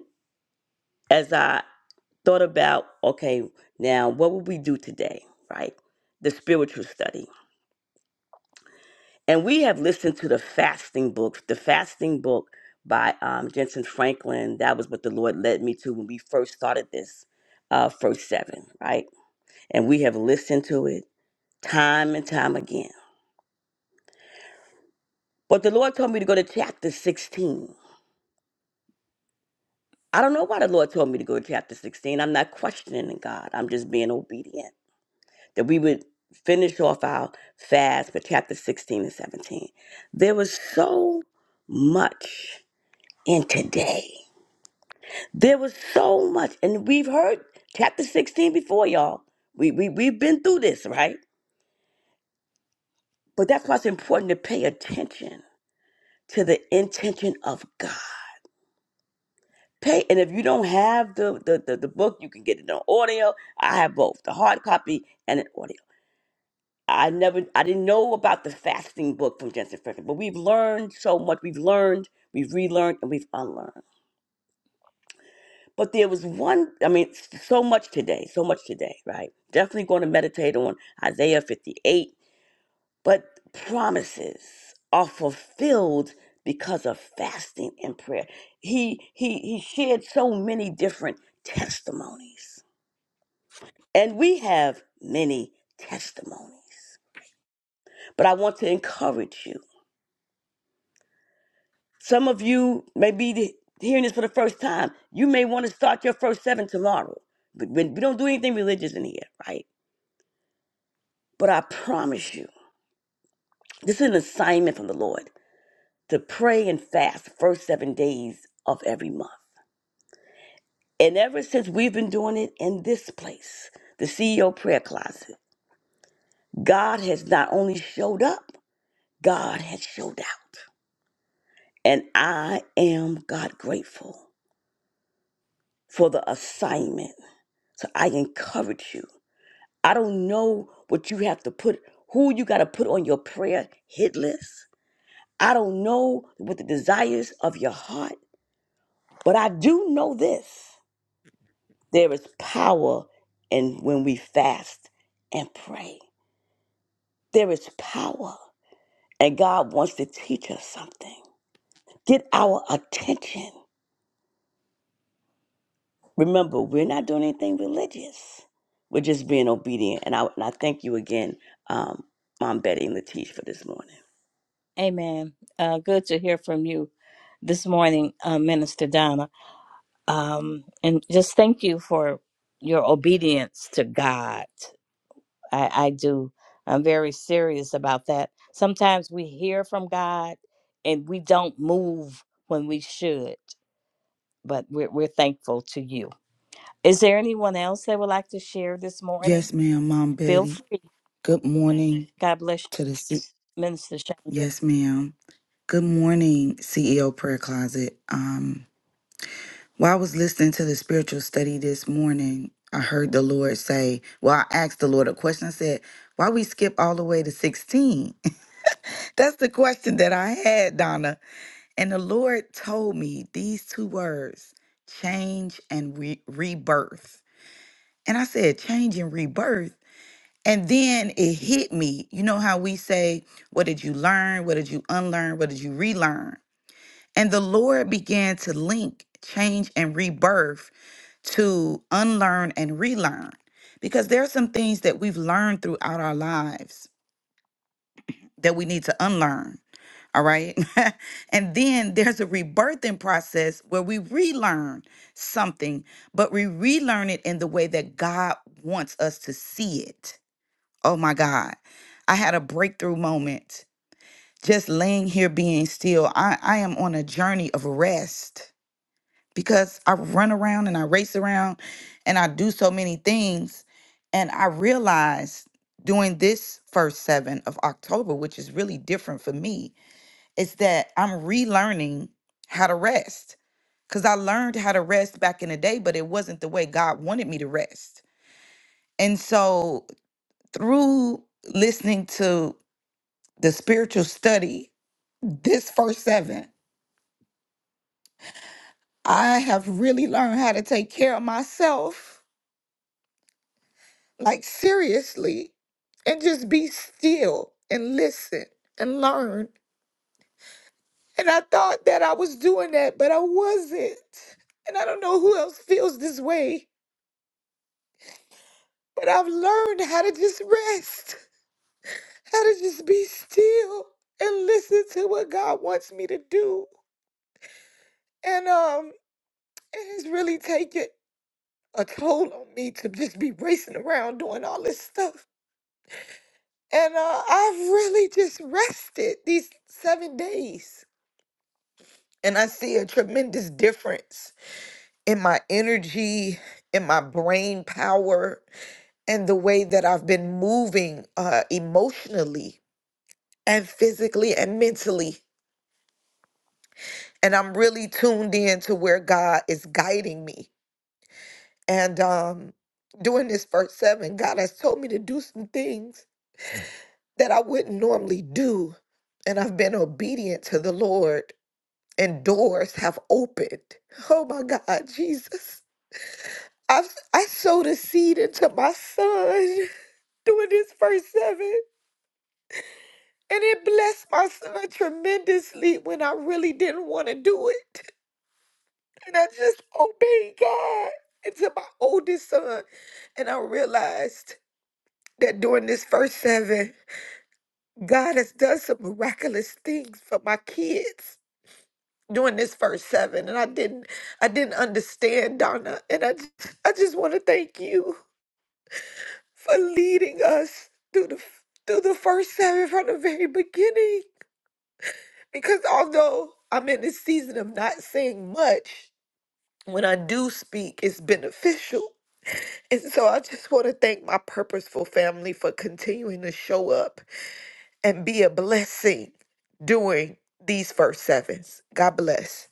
Speaker 3: as I thought about, okay, now what would we do today, right? The spiritual study. And we have listened to the fasting books, the fasting book by um, Jensen Franklin. That was what the Lord led me to when we first started this uh, first seven, right? And we have listened to it time and time again. But the Lord told me to go to chapter 16. I don't know why the Lord told me to go to chapter 16. I'm not questioning God, I'm just being obedient that we would finish off our fast with chapter 16 and 17. There was so much in today. There was so much. And we've heard chapter 16 before, y'all. We, we, we've been through this, right? But that's why it's important to pay attention to the intention of God. Pay, and if you don't have the, the, the, the book, you can get it on audio. I have both the hard copy and an audio. I never, I didn't know about the fasting book from Jensen Franklin, but we've learned so much. We've learned, we've relearned, and we've unlearned. But there was one, I mean, s- so much today, so much today, right? Definitely going to meditate on Isaiah 58. But promises are fulfilled because of fasting and prayer. He he he shared so many different testimonies. And we have many testimonies. But I want to encourage you. Some of you may be the- hearing this for the first time. You may want to start your first seven tomorrow. But we we don't do anything religious in here, right? But I promise you, this is an assignment from the Lord to pray and fast the first seven days of every month. And ever since we've been doing it in this place, the CEO prayer closet, God has not only showed up, God has showed out. And I am God grateful for the assignment. So I encourage you. I don't know what you have to put, who you got to put on your prayer hit list. I don't know what the desires of your heart, but I do know this there is power in when we fast and pray. There is power, and God wants to teach us something. Get our attention. Remember, we're not doing anything religious. We're just being obedient. And I, and I thank you again, um, Mom Betty and Latish, for this morning.
Speaker 2: Amen. Uh, good to hear from you this morning, uh, Minister Donna. Um, and just thank you for your obedience to God. I, I do. I'm very serious about that. Sometimes we hear from God and we don't move when we should, but we're, we're thankful to you. Is there anyone else that would like to share this morning?
Speaker 4: Yes, ma'am, Mom
Speaker 2: Feel
Speaker 4: Betty.
Speaker 2: free.
Speaker 4: Good morning
Speaker 2: God bless you,
Speaker 4: to the C-
Speaker 2: Minister Chandra.
Speaker 4: Yes, ma'am. Good morning, CEO Prayer Closet. Um, while I was listening to the spiritual study this morning, I heard the Lord say, Well, I asked the Lord a question. I said, Why we skip all the way to 16? [LAUGHS] That's the question that I had, Donna. And the Lord told me these two words change and re- rebirth. And I said, Change and rebirth. And then it hit me. You know how we say, What did you learn? What did you unlearn? What did you relearn? And the Lord began to link change and rebirth to unlearn and relearn. Because there are some things that we've learned throughout our lives that we need to unlearn. All right. [LAUGHS] and then there's a rebirthing process where we relearn something, but we relearn it in the way that God wants us to see it Oh my God. I had a breakthrough moment just laying here being still. I, I am on a journey of rest because I run around and I race around and I do so many things. And I realized during this first seven of October, which is really different for me, is that I'm relearning how to rest. Because I learned how to rest back in the day, but it wasn't the way God wanted me to rest. And so through listening to the spiritual study, this first seven, I have really learned how to take care of myself, like seriously, and just be still and listen and learn. And I thought that I was doing that, but I wasn't. And I don't know who else feels this way, but I've learned how to just rest, how to just be still and listen to what God wants me to do. And um, it has really taken a toll on me to just be racing around doing all this stuff. And uh, I've really just rested these seven days. And I see a tremendous difference in my energy, in my brain power, and the way that I've been moving uh, emotionally and physically and mentally. And I'm really tuned in to where God is guiding me. And um, during this first seven, God has told me to do some things that I wouldn't normally do. And I've been obedient to the Lord, and doors have opened. Oh my God, Jesus. I, I sowed a seed into my son during his first seven, and it blessed my son tremendously when I really didn't want to do it. And I just obeyed God into my oldest son. And I realized that during this first seven, God has done some miraculous things for my kids. doing this first seven and I didn't I didn't understand Donna and I j- I just want to thank you for leading us through the through the first seven from the very beginning because although I'm in this season of not saying much when I do speak it's beneficial and so I just want to thank my purposeful family for continuing to show up and be a blessing during these first sevens God bless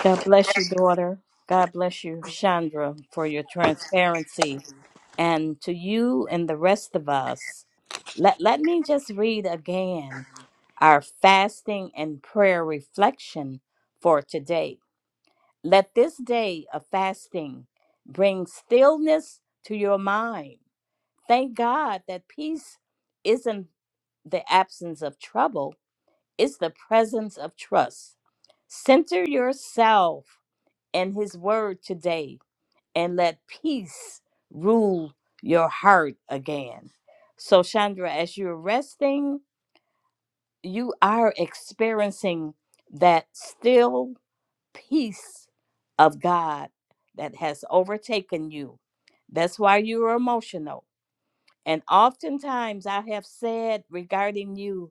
Speaker 2: God bless you, daughter. God bless you, Chandra, for your transparency. And to you and the rest of us, let, let me just read again our fasting and prayer reflection for today. Let this day of fasting bring stillness to your mind. Thank God that peace isn't the absence of trouble, it's the presence of trust. Center yourself and his word today and let peace rule your heart again. So, Chandra, as you're resting, you are experiencing that still peace of God that has overtaken you. That's why you are emotional and oftentimes I have said regarding you,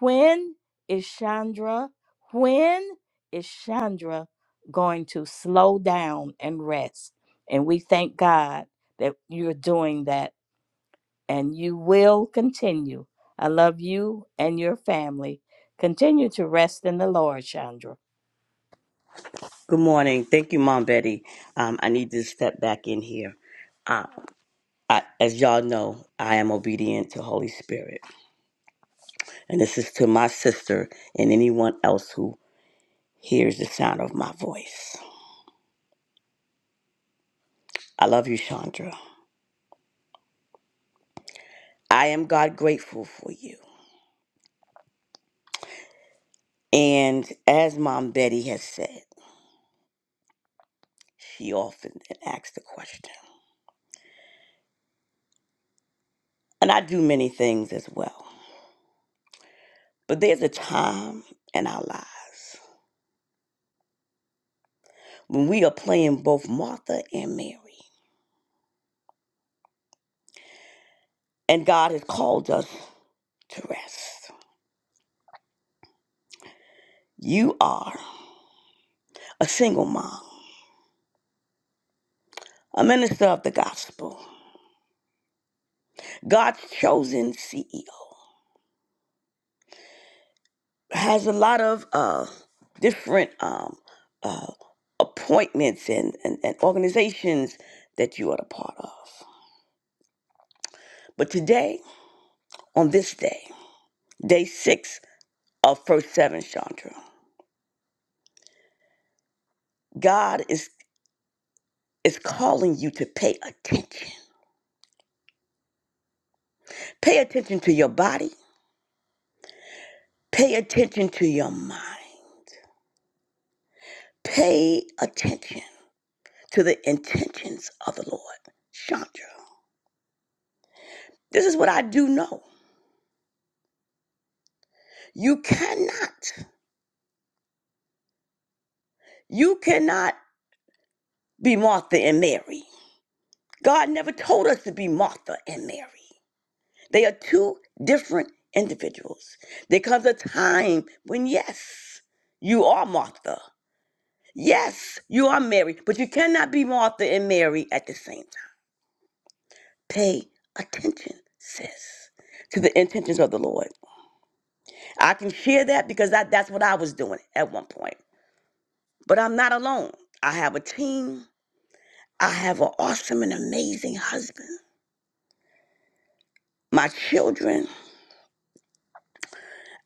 Speaker 2: when is Chandra, when is Chandra going to slow down and rest? And we thank God that you're doing that and you will continue. I love you and your family. Continue to rest in the Lord, Chandra.
Speaker 3: Good morning. Thank you, Mom Betty. Um, I need to step back in here. Uh, I, as y'all know, I am obedient to Holy Spirit, and this is to my sister and anyone else who hears the sound of my voice. I love you, Chandra. I am God grateful for you. And as Mom Betty has said, she often asks the question, and I do many things as well. But there's a time in our lives when we are playing both Martha and Mary. and God has called us to rest. You are a single mom, a minister of the gospel, God's chosen CEO, has a lot of uh, different um, uh, appointments and, and, and organizations that you are a part of. But today, on this day, day six of First Seven, Chandra, God is, is calling you to pay attention. Pay attention to your body, pay attention to your mind Pay attention to the intentions of the Lord. Chandra, this is what I do know. You cannot, you cannot be Martha and Mary. God never told us to be Martha and Mary. They are two different individuals. There comes a time when, yes, you are Martha. Yes, you are Mary, but you cannot be Martha and Mary at the same time. Pay attention, sis, to the intentions of the Lord. I can share that because I, that's what I was doing at one point. But I'm not alone. I have a team. I have an awesome and amazing husband. My children.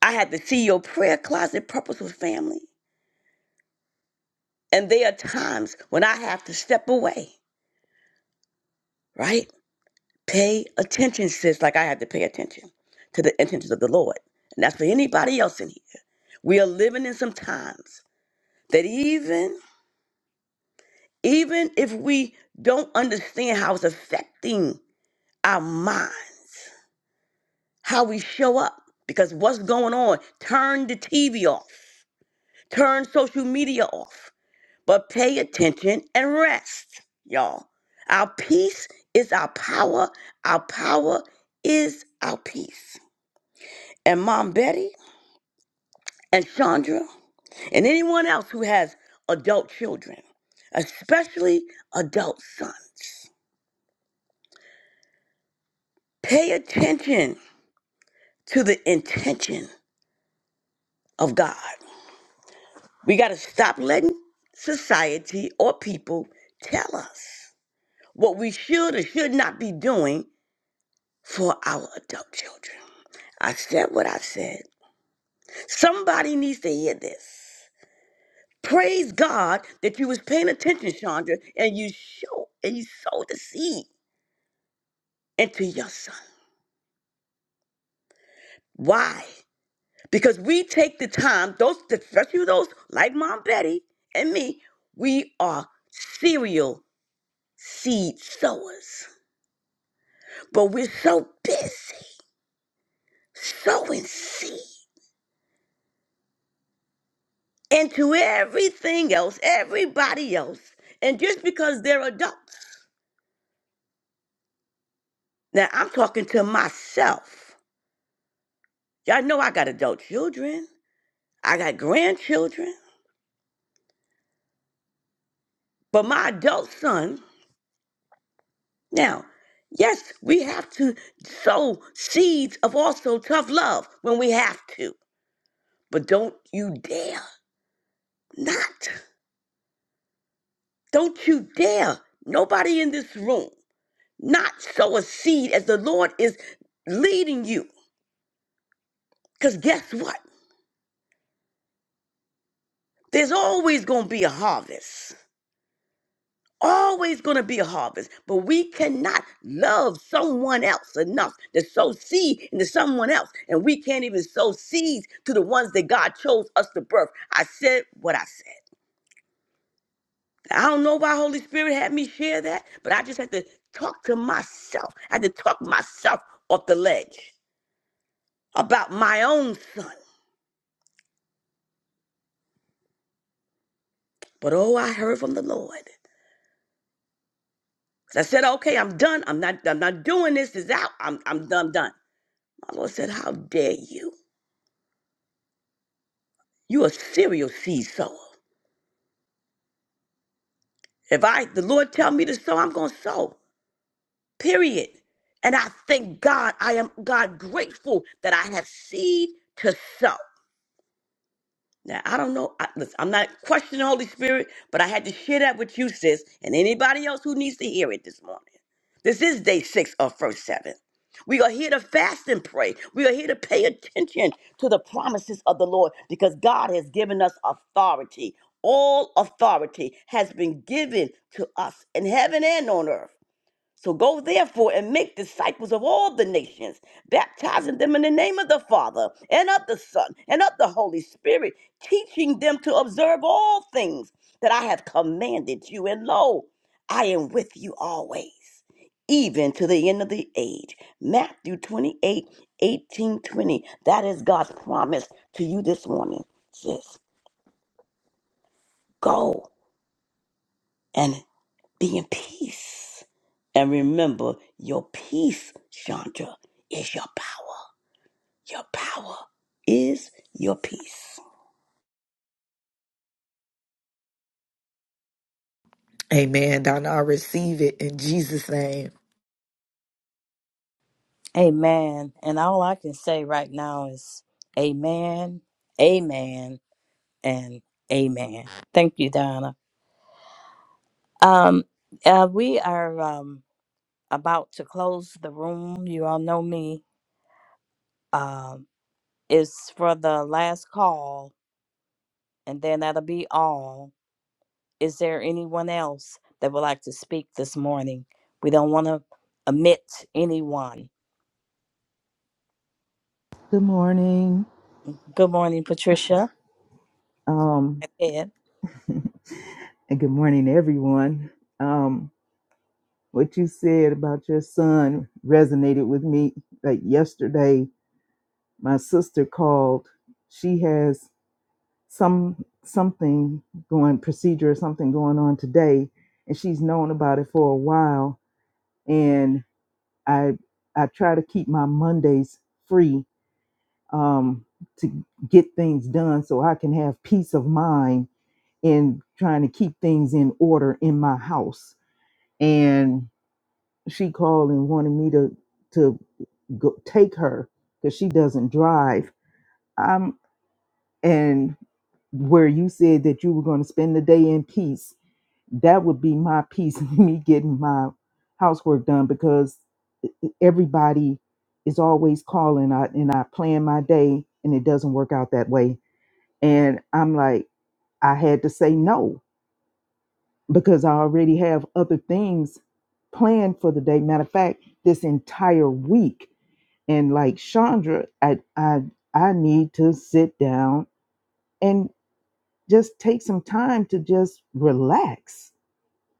Speaker 3: I had the CEO prayer closet, purposeful family. And there are times when I have to step away, right? Pay attention, sis, like I had to pay attention to the intentions of the Lord. And that's for anybody else in here. We are living in some times that even even if we don't understand how it's affecting our mind, how we show up. Because what's going on? Turn the TV off, turn social media off, but pay attention and rest, y'all. Our peace is our power, our power is our peace. And Mom Betty and Chandra and anyone else who has adult children, especially adult sons, pay attention to the intention of God. We got to stop letting society or people tell us what we should or should not be doing for our adult children. I said what I said. Somebody needs to hear this. Praise God that you was paying attention, Chandra, and you show and you sowed the seed into your son. Why? Because we take the time, those especially those like Mom Betty and me, we are serial seed sowers. But we're so busy sowing seed into everything else, everybody else. And just because they're adults. Now I'm talking to myself. Y'all know I got adult children. I got grandchildren. But my adult son, now, yes, we have to sow seeds of also tough love when we have to. But don't you dare not. Don't you dare. Nobody in this room. not sow a seed as the Lord is leading you. Because guess what? There's always going to be a harvest. Always going to be a harvest. But we cannot love someone else enough to sow seed into someone else. And we can't even sow seeds to the ones that God chose us to birth. I said what I said. I don't know why Holy Spirit had me share that, but I just had to talk to myself. I had to talk myself off the ledge about my own son. But oh, I heard from the Lord. So I said, okay, I'm done. I'm not, I'm not doing this. It's out. I'm, I'm done, done. My Lord said, how dare you? You a serial seed sower. If I, the Lord tell me to sow, I'm going to sow, period. And I thank God, I am God grateful that I have seed to sow. Now I don't know. I, listen, I'm not questioning the Holy Spirit, but I had to share that with you, sis, and anybody else who needs to hear it this morning. This is day six of first seven. We are here to fast and pray. We are here to pay attention to the promises of the Lord because God has given us authority. All authority has been given to us in heaven and on earth. So go therefore and make disciples of all the nations, baptizing them in the name of the Father and of the Son and of the Holy Spirit, teaching them to observe all things that I have commanded you. And lo, I am with you always, even to the end of the age. Matthew twenty-eight eighteen twenty. That is God's promise to you this morning. Just go. and. Be in peace. And remember, your peace, Chandra, is your power. Your power is your peace.
Speaker 4: Amen. Donna, I receive it in Jesus' name.
Speaker 2: Amen. And all I can say right now is amen, amen, and amen. Thank you, Donna. Um, uh, we are um, about to close the room. You all know me. Um, it's for the last call, and then that'll be all. Is there anyone else that would like to speak this morning? We don't want to omit anyone.
Speaker 5: Good morning.
Speaker 2: Good morning, Patricia.
Speaker 5: Um,
Speaker 2: Ed.
Speaker 5: and good morning, everyone. Um, what you said about your son resonated with me. Like yesterday, my sister called. She has some something going procedure or something going on today, and she's known about it for a while. And I I try to keep my Mondays free um, to get things done so I can have peace of mind in trying to keep things in order in my house. And she called and wanted me to to go take her because she doesn't drive. Um, and where you said that you were going to spend the day in peace, that would be my peace, [LAUGHS] me getting my housework done because e, e, everybody is always calling I, and I plan my day and it doesn't work out that way. And I'm like, I had to say no because I already have other things planned for the day. Matter of fact, this entire week. And like Chandra, I I I need to sit down and just take some time to just relax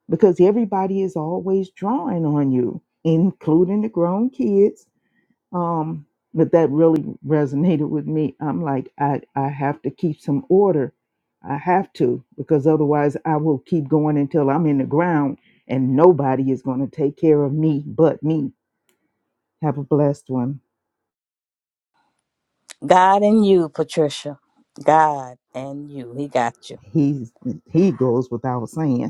Speaker 5: because everybody is always drawing on you, including the grown kids um, but that really resonated with me. I'm like, I, I have to keep some order. I have to, because otherwise I will keep going until I'm in the ground and nobody is going to take care of me but me. Have a blessed one.
Speaker 2: God and you, Patricia. God and you. He got you.
Speaker 5: He's, he goes without saying.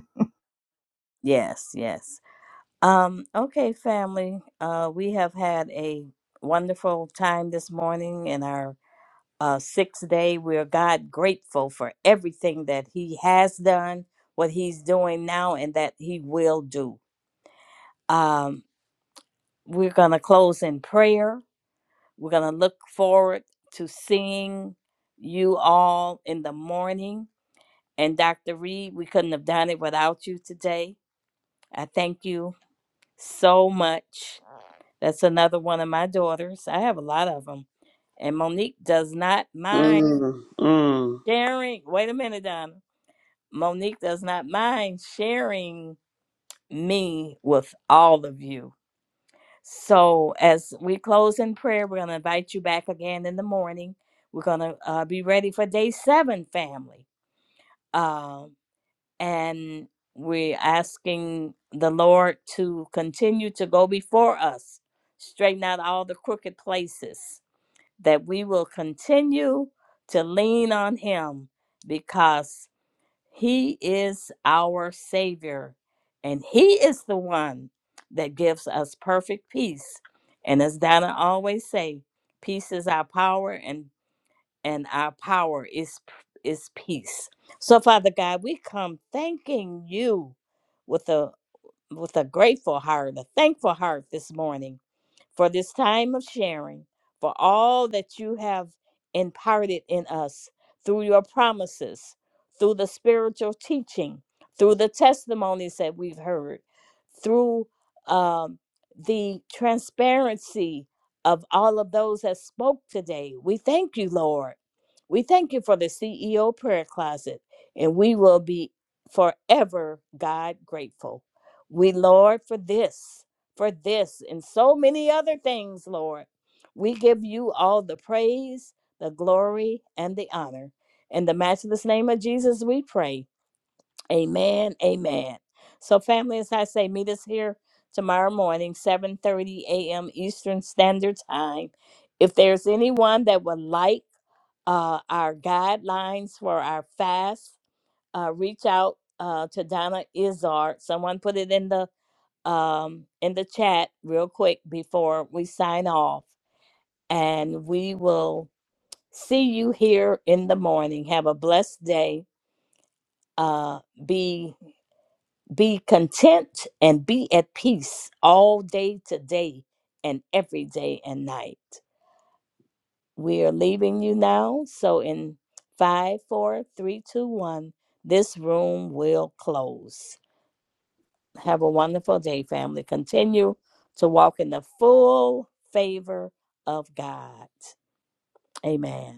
Speaker 2: Yes, yes. Um, okay, family. Uh, we have had a wonderful time this morning in our uh, sixth day. We are God grateful for everything that He has done, what He's doing now, and that He will do. Um, we're going to close in prayer. We're going to look forward to seeing you all in the morning. And Dr. Reed, we couldn't have done it without you today. I thank you so much That's another one of my daughters. I have a lot of them. And Monique does not mind
Speaker 3: Mm, mm.
Speaker 2: sharing. Wait a minute, Donna. Monique does not mind sharing me with all of you. So, as we close in prayer, we're going to invite you back again in the morning. We're going to uh, be ready for day seven, family. Um, and we're asking the Lord to continue to go before us, straighten out all the crooked places that we will continue to lean on him because he is our Savior and he is the one that gives us perfect peace. And as Donna always say, peace is our power and and our power is p- is peace. So Father God, we come thanking you with a with a grateful heart, a thankful heart this morning for this time of sharing, for all that you have imparted in us through your promises, through the spiritual teaching, through the testimonies that we've heard, through um, the transparency of all of those that spoke today. We thank you, Lord. We thank you for the CEO prayer closet, and we will be forever, God, grateful. We, Lord, for this for this and so many other things, Lord. We give you all the praise, the glory, and the honor. In the matchless name of Jesus, we pray. Amen. Amen. So, family, as I say, meet us here tomorrow morning, 7:30 a.m. Eastern Standard Time. If there's anyone that would like uh, our guidelines for our fast, uh, reach out uh, to Donna Izard. Someone put it in the um, in the chat real quick before we sign off. And we will see you here in the morning. Have a blessed day. Uh, be be content and be at peace all day today and every day and night. We are leaving you now. So in five, four, three, two, one, this room will close. Have a wonderful day, family. Continue to walk in the full favor of God. Amen.